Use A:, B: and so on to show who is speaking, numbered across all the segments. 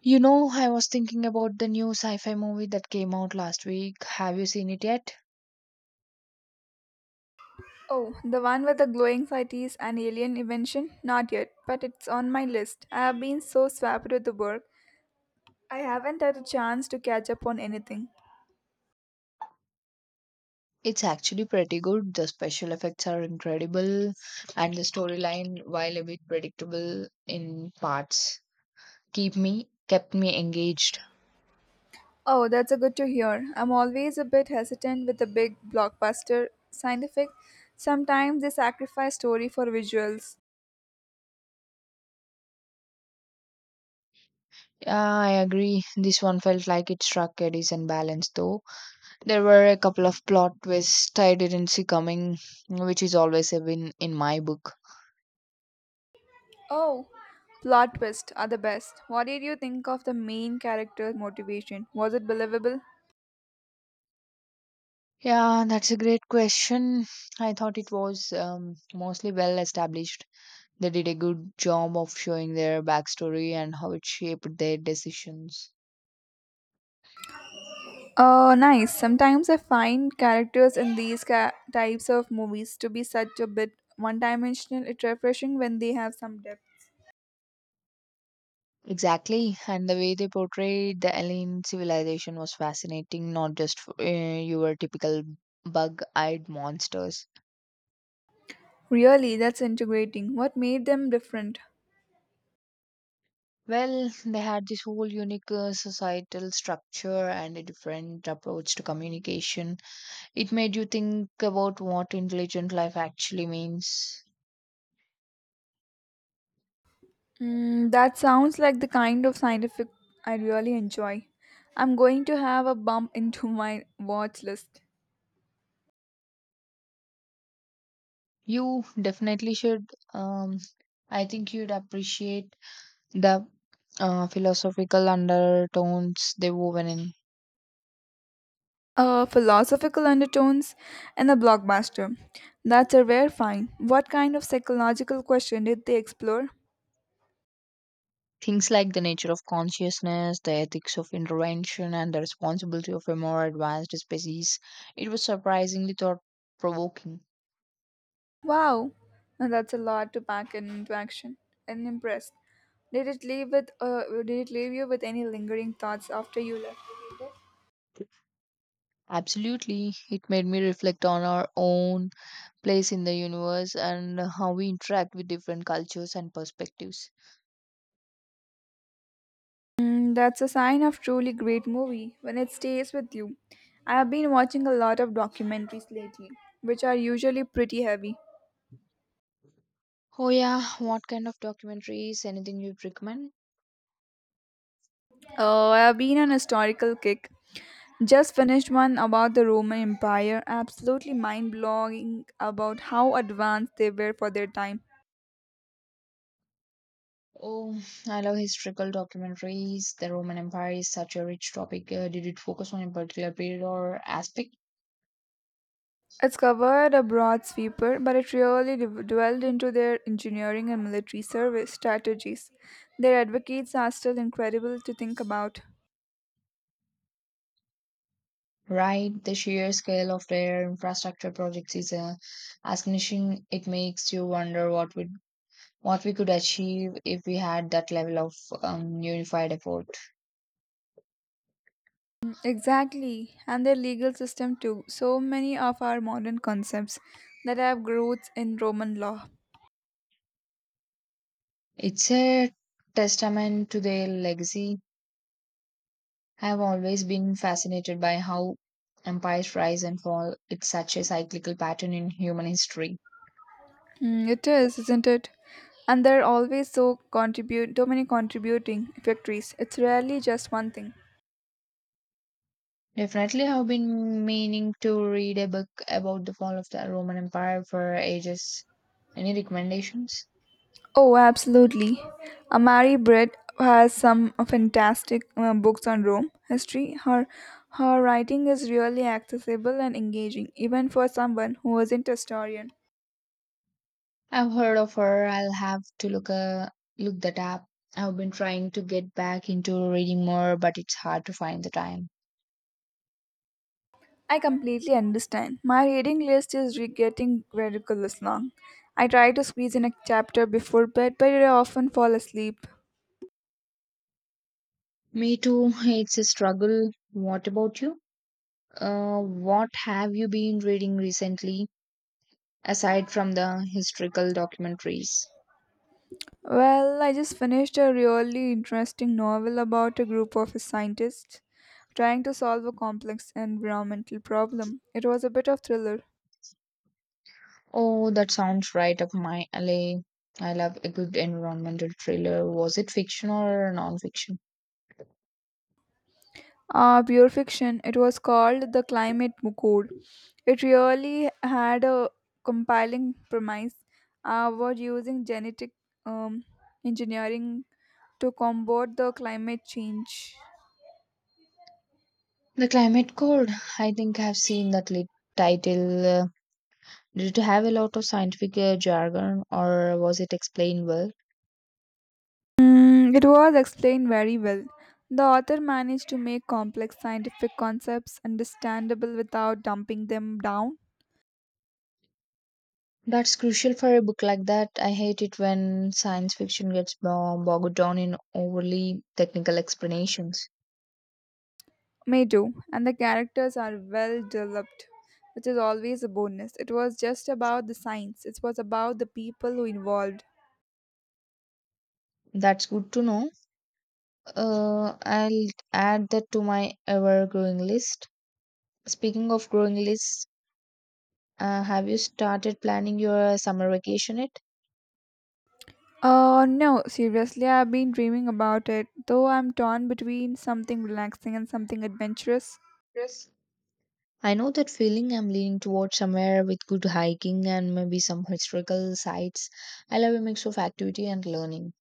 A: You know, I was thinking about the new sci fi movie that came out last week. Have you seen it yet?
B: Oh, the one with the glowing cities and alien invention? Not yet, but it's on my list. I have been so swamped with the work, I haven't had a chance to catch up on anything.
A: It's actually pretty good. The special effects are incredible, and the storyline, while a bit predictable in parts, keep me kept me engaged.
B: Oh, that's a good to hear. I'm always a bit hesitant with the big blockbuster scientific. Sometimes they sacrifice story for visuals.
A: Yeah, I agree. This one felt like it struck a decent balance though. There were a couple of plot twists I didn't see coming, which is always a win in my book.
B: Oh, plot twists are the best. What did you think of the main character motivation? Was it believable?
A: Yeah, that's a great question. I thought it was mostly well established. They did a good job of showing their backstory and how it shaped their decisions.
B: Nice. Sometimes I find characters in these types of movies to be such a bit one dimensional. It's refreshing when they have some depth.
A: Exactly, and the way they portrayed the alien civilization was fascinating, not just for, your typical bug eyed monsters.
B: Really, that's integrating. What made them different?
A: Well, they had this whole unique societal structure and a different approach to communication. It made you think about what intelligent life actually means.
B: Mm, that sounds like the kind of scientific I really enjoy. I'm going to have a bump into my watch list.
A: You definitely should. Um, I think you'd appreciate the philosophical undertones they woven in
B: Philosophical undertones and a blockbuster. That's a rare find. What kind of psychological question did they explore?
A: things like the nature of consciousness, the ethics of intervention, and the responsibility of a more advanced species. It was surprisingly thought provoking.
B: Wow, now that's a lot to pack into action. And impressed. Did it leave with Did it leave you with any lingering thoughts after you left?
A: Absolutely. It made me reflect on our own place in the universe and how we interact with different cultures and perspectives.
B: Mm, that's a sign of truly great movie when it stays with you. I have been watching a lot of documentaries lately, which are usually pretty heavy.
A: Oh, yeah. What kind of documentaries? Anything you'd recommend?
B: Oh, I have been on a historical kick. Just finished one about the Roman Empire, absolutely mind blowing about how advanced they were for their time.
A: Oh, I love historical documentaries. The Roman Empire is such a rich topic. Did it focus on a particular period or aspect?
B: It's covered a broad sweeper, but it really dwelled into their engineering and military service strategies. Their advocates are still incredible to think about.
A: Right, the sheer scale of their infrastructure projects is astonishing. It makes you wonder what we could achieve if we had that level of unified effort.
B: Exactly, and their legal system too. So many of our modern concepts that have roots in Roman law.
A: It's a testament to their legacy. I have always been fascinated by how empires rise and fall. It's such a cyclical pattern in human history.
B: Mm, it is, isn't it? And there are always so contribute, so many contributing factories. It's rarely just one thing.
A: Definitely, I've been meaning to read a book about the fall of the Roman Empire for ages. Any recommendations?
B: Oh, absolutely. Amari Brett has some fantastic books on Rome history. Her writing is really accessible and engaging, even for someone who isn't a historian.
A: I've heard of her. I'll have to look that up. I've been trying to get back into reading more, but it's hard to find the time.
B: I completely understand. My reading list is getting ridiculous long. I try to squeeze in a chapter before bed, but I often fall asleep.
A: Me too. It's a struggle. What about you? What have you been reading recently, aside from the historical documentaries?
B: Well, I just finished a really interesting novel about a group of scientists trying to solve a complex environmental problem. It was a bit of thriller.
A: Oh, that sounds right up my alley. I love a good environmental thriller. Was it fiction or non-fiction?
B: Pure fiction. It was called The Climate Code. It really had a compiling premise about using genetic um, engineering to combat the climate change.
A: The Climate Code. I think I've seen that lit title. Did it have a lot of scientific jargon or was it explained well?
B: Mm, it was explained very well. The author managed to make complex scientific concepts understandable without dumping them down.
A: That's crucial for a book like that. I hate it when science fiction gets bogged down in overly technical explanations.
B: May do, and the characters are well developed, which is always a bonus. It was just about the science, it was about the people who involved.
A: That's good to know. I'll add that to my ever-growing list. Speaking of growing lists, have you started planning your summer vacation yet?
B: Oh no, seriously, I've been dreaming about it, though I'm torn between something relaxing and something adventurous.
A: Yes. I know that feeling. I'm leaning towards somewhere with good hiking and maybe some historical sites. I love a mix of activity and learning.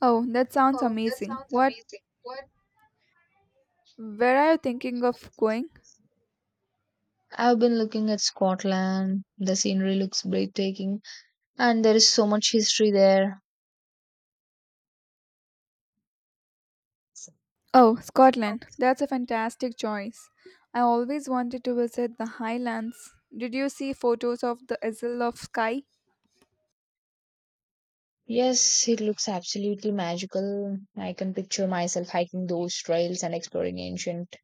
B: Oh, that sounds
A: Oh, that
B: amazing.
A: sounds
B: What?
A: amazing. What?
B: Where are you thinking of going?
A: I've been looking at Scotland. The scenery looks breathtaking, and there is so much history there.
B: Oh,
A: Oh,
B: Scotland. That's a fantastic choice. I always wanted to visit the Highlands. Did you see photos of the Isle of Skye?
A: yes, it looks absolutely magical. I can picture myself hiking those trails and exploring ancient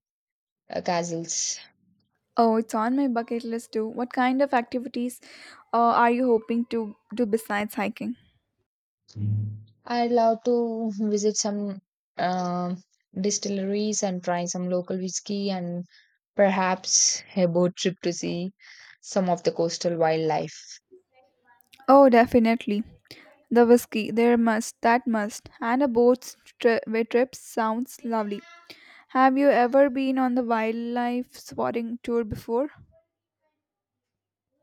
A: castles.
B: Oh, it's on my bucket list too. What kind of activities are you hoping to do besides hiking?
A: I'd love to visit some um distilleries and try some local whiskey and perhaps a boat trip to see some of the coastal wildlife.
B: Oh, definitely. The whiskey, there must, that must, and a boat tri- way trip sounds lovely. Have you ever been on the wildlife spotting tour before?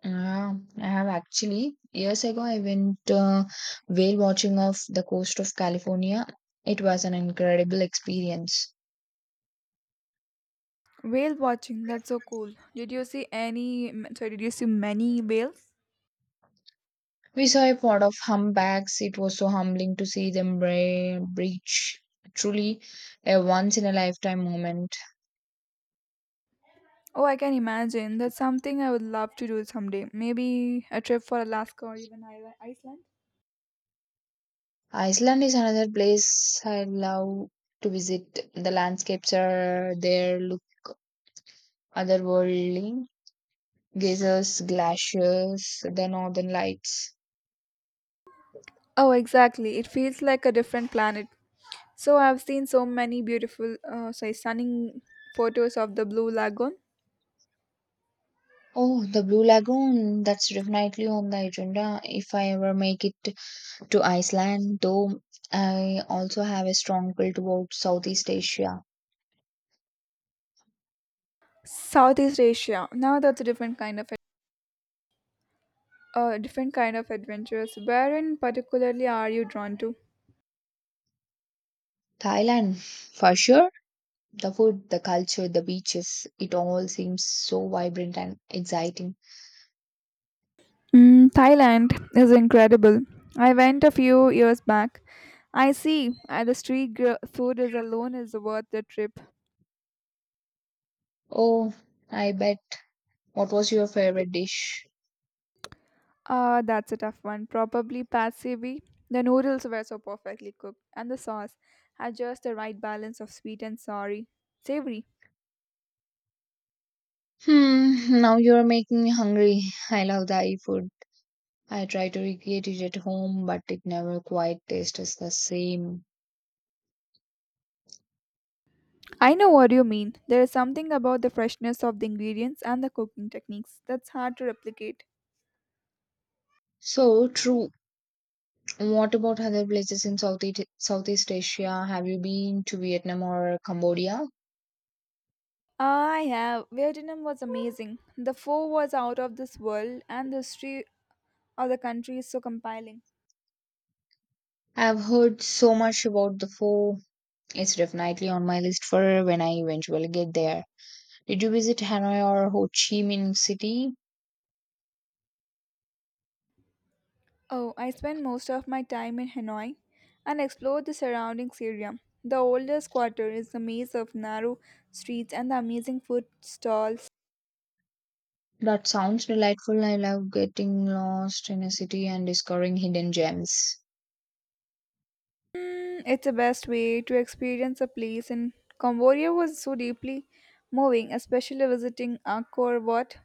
A: Yeah, I have actually. Years ago, I went whale watching off the coast of California. It was an incredible experience.
B: Whale watching, that's so cool. Did you see any, sorry, did you see many whales?
A: We saw a pod of humpbacks. It was so humbling to see them breach. Truly a once in a lifetime moment.
B: Oh, I can imagine. That's something I would love to do someday. Maybe a trip for Alaska or even Iceland.
A: Iceland is another place I love to visit. The landscapes are there look otherworldly. Geysers, glaciers, the northern lights.
B: Oh, exactly. It feels like a different planet. So I've seen so many beautiful, sorry, stunning photos of the Blue Lagoon.
A: Oh, the Blue Lagoon. That's definitely on the agenda if I ever make it to Iceland, though I also have a strong pull toward Southeast Asia.
B: Southeast Asia. Now that's a different kind of, a different kind of adventures. Where in particularly are you drawn to?
A: Thailand, for sure. The food, the culture, the beaches, it all seems so vibrant and exciting.
B: Mm, Thailand is incredible. I went a few years back. I see. The street food is alone is worth the trip.
A: Oh, I bet. What was your favorite dish?
B: Ah, that's a tough one. Probably Pad Sevi. The noodles were so perfectly cooked, and the sauce had just the right balance of sweet and sorry. Savory.
A: Hmm, now you're making me hungry. I love Thai food. I try to recreate it at home, but it never quite tastes the same.
B: I know what you mean. There is something about the freshness of the ingredients and the cooking techniques that's hard to replicate.
A: So true. What about other places in Southeast Asia? Have you been to Vietnam or Cambodia?
B: I have. Vietnam was amazing. The pho was out of this world, and the street Or the country is so compelling.
A: I've heard so much about the food. It's definitely on my list for when I eventually get there. Did you visit Hanoi or Ho Chi Minh City?
B: Oh, I spent most of my time in Hanoi and explored the surrounding area. The oldest quarter is a maze of narrow streets and the amazing food stalls.
A: That sounds delightful. I love getting lost in a city and discovering hidden gems.
B: Mm, it's the best way to experience a place, and Cambodia was so deeply moving, especially visiting Angkor Wat.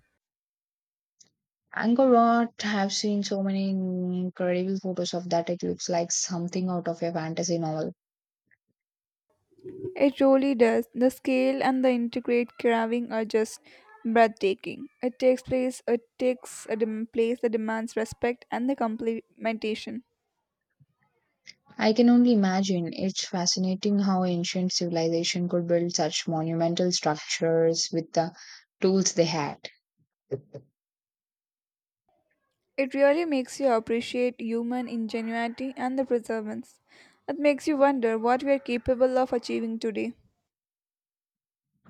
A: Angkor Wat, I've seen so many incredible photos of that. It looks like something out of a fantasy novel.
B: It really does. The scale and the intricate carving are just breathtaking. It takes place. It takes a place that demands respect and the complementation.
A: I can only imagine. It's fascinating how ancient civilization could build such monumental structures with the tools they had.
B: It really makes you appreciate human ingenuity and the perseverance. It makes you wonder what we are capable of achieving today.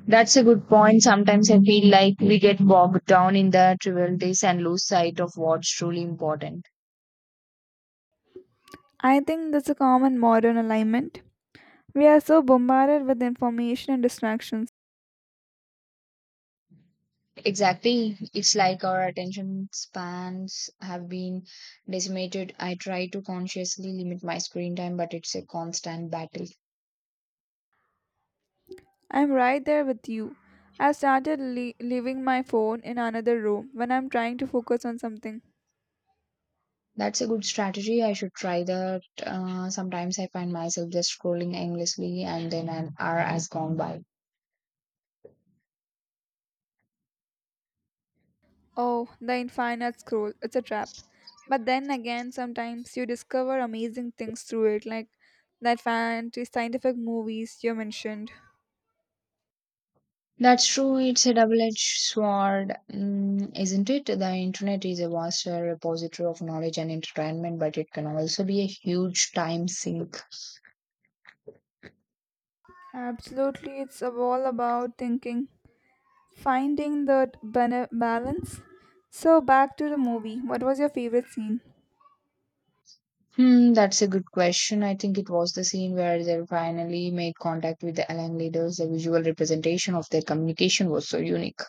A: That's a good point. Sometimes I feel like we get bogged down in the trivialities and lose sight of what's truly important.
B: I think that's a common modern alignment. We are so bombarded with information and distractions.
A: Exactly. It's like our attention spans have been decimated. I try to consciously limit my screen time, but it's a constant battle.
B: I'm right there with you. I've started leaving my phone in another room when I'm trying to focus on something.
A: That's a good strategy. I should try that. Sometimes I find myself just scrolling endlessly, and then an hour has gone by.
B: Oh, the infinite scroll, it's a trap. But then again, sometimes you discover amazing things through it, like that fantasy scientific movies you mentioned.
A: That's true. It's a double edged sword, isn't it? The internet is a vast repository of knowledge and entertainment, but it can also be a huge time sink.
B: Absolutely, it's all about thinking, finding the balance. So back to the movie. What was your favorite scene?
A: Hmm, that's a good question. I think it was the scene where they finally made contact with the Alang leaders. The visual representation of their communication was so unique.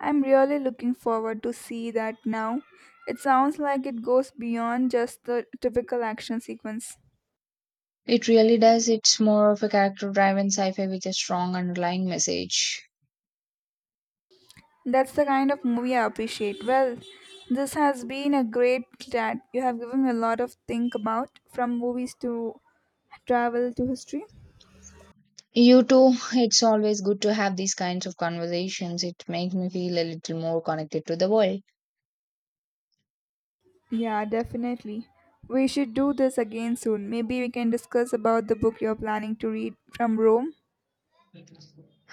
B: I'm really looking forward to see that now. It sounds like it goes beyond just the typical action sequence.
A: It really does. It's more of a character driven sci fi with a strong underlying message.
B: That's the kind of movie I appreciate. Well, this has been a great chat. You have given me a lot of think about from movies to travel to history.
A: You too, it's always good to have these kinds of conversations. It makes me feel a little more connected to the world.
B: Yeah, definitely. We should do this again soon. Maybe we can discuss about the book you're planning to read from Rome.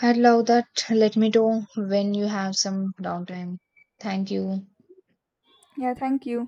A: I'd love that. Let me know when you have some downtime. Thank you.
B: Yeah, thank you.